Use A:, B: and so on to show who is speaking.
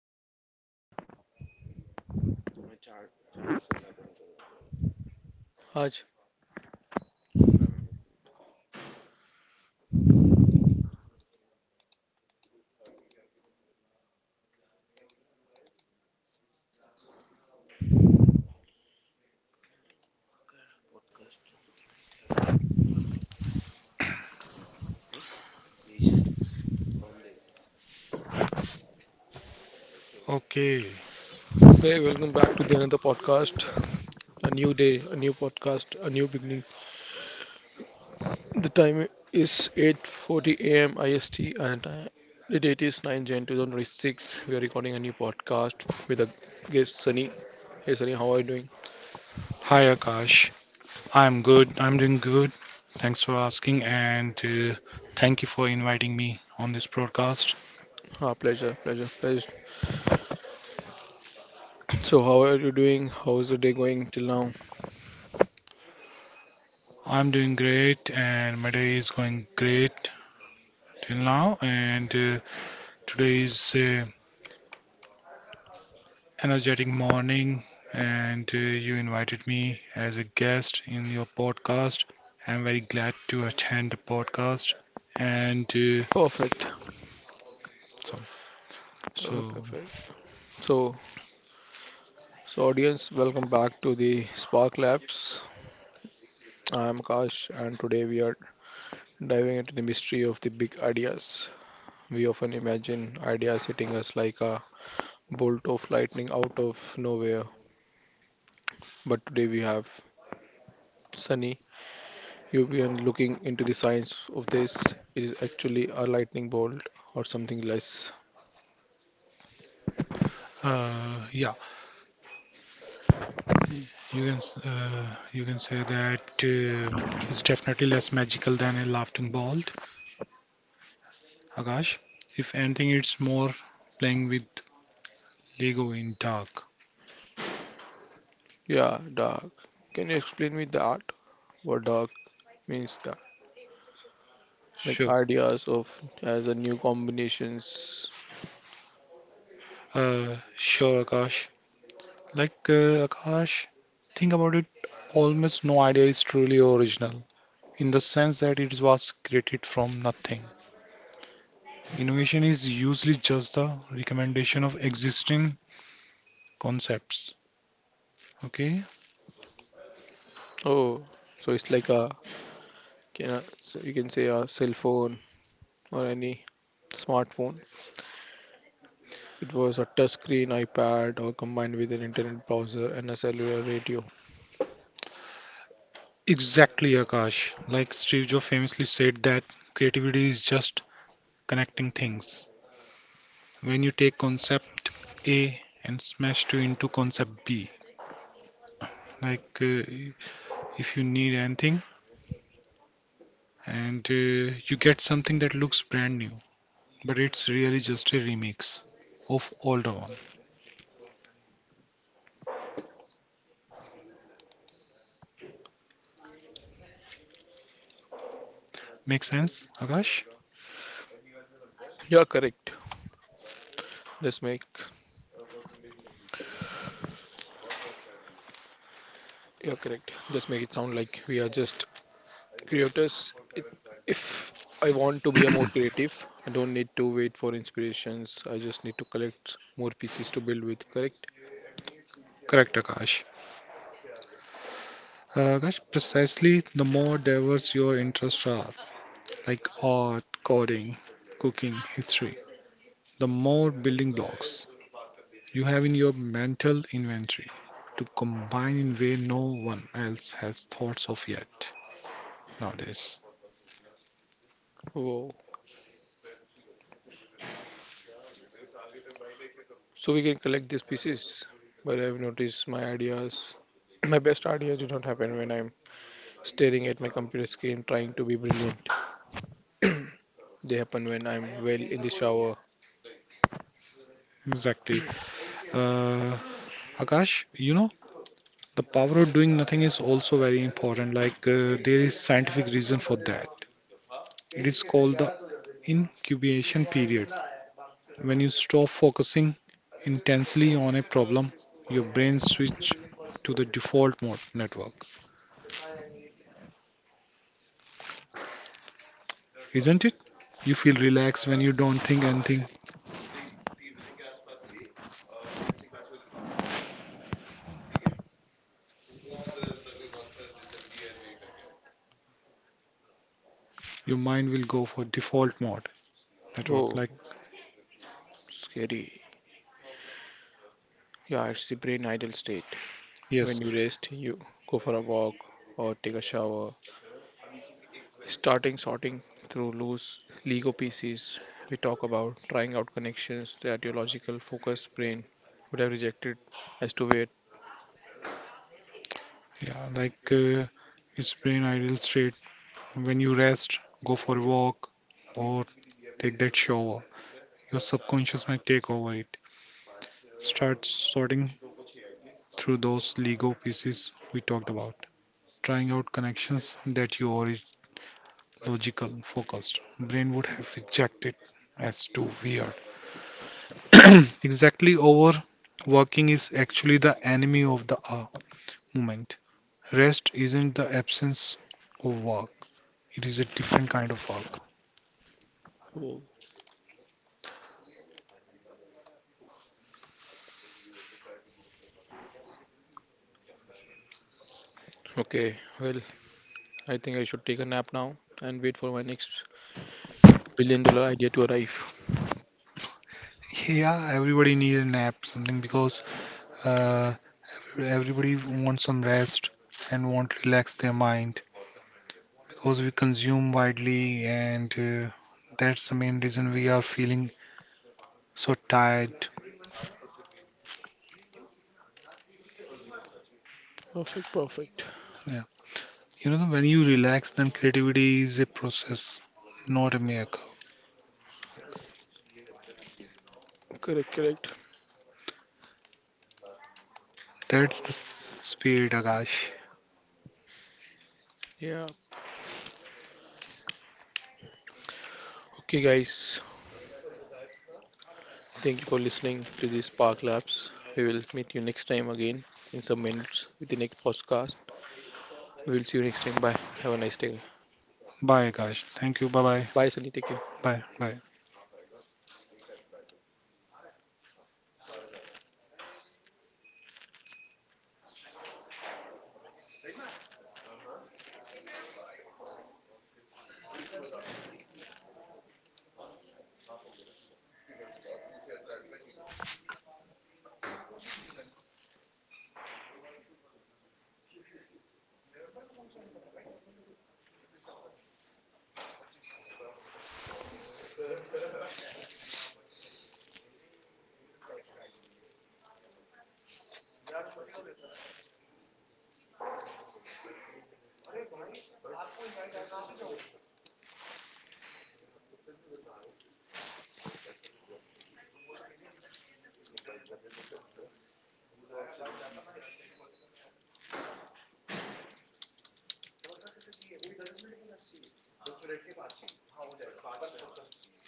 A: Raj,
B: Okay.
A: hey, welcome back to the another podcast. A new day, a new podcast, a new beginning. The time is 8:40 a.m. IST, and the date is 9 Jan 2026. We are recording a new podcast with a guest, Sunny. Hey, Sunny, how are you doing?
B: Hi, Akash. I'm good. I'm doing good. Thanks for asking and thank you for inviting me on this broadcast.
A: Ah, pleasure, pleasure, pleasure. So, how are you doing? How's the day going till now?
B: I'm doing great and my day is going great till now. And today is energetic morning and you invited me as a guest in your podcast. I'm very glad to attend the podcast. And
A: Perfect,
B: so, so
A: perfect, perfect. So, so, audience, welcome back to the Spark Labs. I'm Akash, and today we are diving into the mystery of the big ideas. We often imagine ideas hitting us like a bolt of lightning out of nowhere. But today we have Sunny, European, looking into the science of this. It is actually a lightning bolt or something less.
B: yeah. You can you can say that it's definitely less magical than a laughing bolt, Akash. If anything, it's more playing with Lego in dark.
A: Yeah, dark. Can you explain me that? What dark means that? Like
B: Sure,
A: ideas of as a new combinations.
B: sure, Akash. Akash, think about it. Almost no idea is truly original in the sense that it was created from nothing. Innovation is usually just the recommendation of existing concepts. Okay.
A: Oh, so it's like a, can I, so you can say a cell phone or any smartphone. It was a touchscreen iPad or combined with an internet browser and a cellular radio.
B: Exactly, Akash. Like Steve Jobs famously said that creativity is just connecting things. When you take concept A and smash it into concept B, like uh, if you need anything and you get something that looks brand new, but it's really just a remix of older one. Make sense, Akash?
A: You're correct. This make This make it sound like we are just creators. It, if I want to be a more creative, I don't need to wait for inspirations. I just need to collect more pieces to build with. Correct?
B: Correct, Akash. Akash, precisely the more diverse your interests are, like art, coding, cooking, history, the more building blocks you have in your mental inventory to combine in way no one else has thoughts of yet nowadays.
A: Wow. So we can collect these pieces. But I've noticed my ideas, my best ideas do not happen when I'm staring at my computer screen trying to be brilliant. They happen when I'm, well, in the shower.
B: Exactly. Uh, Akash, you know, the power of doing nothing is also very important. There is scientific reason for that. It is called the incubation period. When you stop focusing intensely on a problem, your brain switch to the default mode network. Isn't it? You feel relaxed when you don't think anything. Your mind will go for default mode network.
A: Oh,
B: Like,
A: scary. Yeah, it's the brain idle state. When
B: yes,
A: you rest, you go for a walk or take a shower. Starting sorting through loose Lego pieces, we talk about trying out connections that your logical focused brain would have rejected as to wait.
B: yeah, it's brain idle state. When you rest, go for a walk or take that shower. Your subconscious might take over it. Start sorting through those Lego pieces we talked about. Trying out connections that you are logical focused. Brain would have rejected as too weird. Exactly, overworking is actually the enemy of the movement. Rest isn't the absence of work, it is a different kind of work.
A: Oh, okay, well, I think I should take a nap now and wait for my next billion-dollar idea to arrive.
B: Yeah, everybody need a nap, something because uh, everybody wants some rest and want to relax their mind because we consume widely, and that's the main reason we are feeling so tired.
A: Perfect, perfect.
B: Yeah. You know, when you relax, then creativity is a process, not a miracle.
A: Correct, correct.
B: That's the spirit, Akash.
A: Yeah. Okay, guys. Thank you for listening to this Park Labs. We will meet you next time again in some minutes with the next podcast. We will see you next time. Bye. Have a nice day.
B: Bye, Akash. Thank you. Bye bye.
A: Bye, Sunny. Take care.
B: Bye. Bye.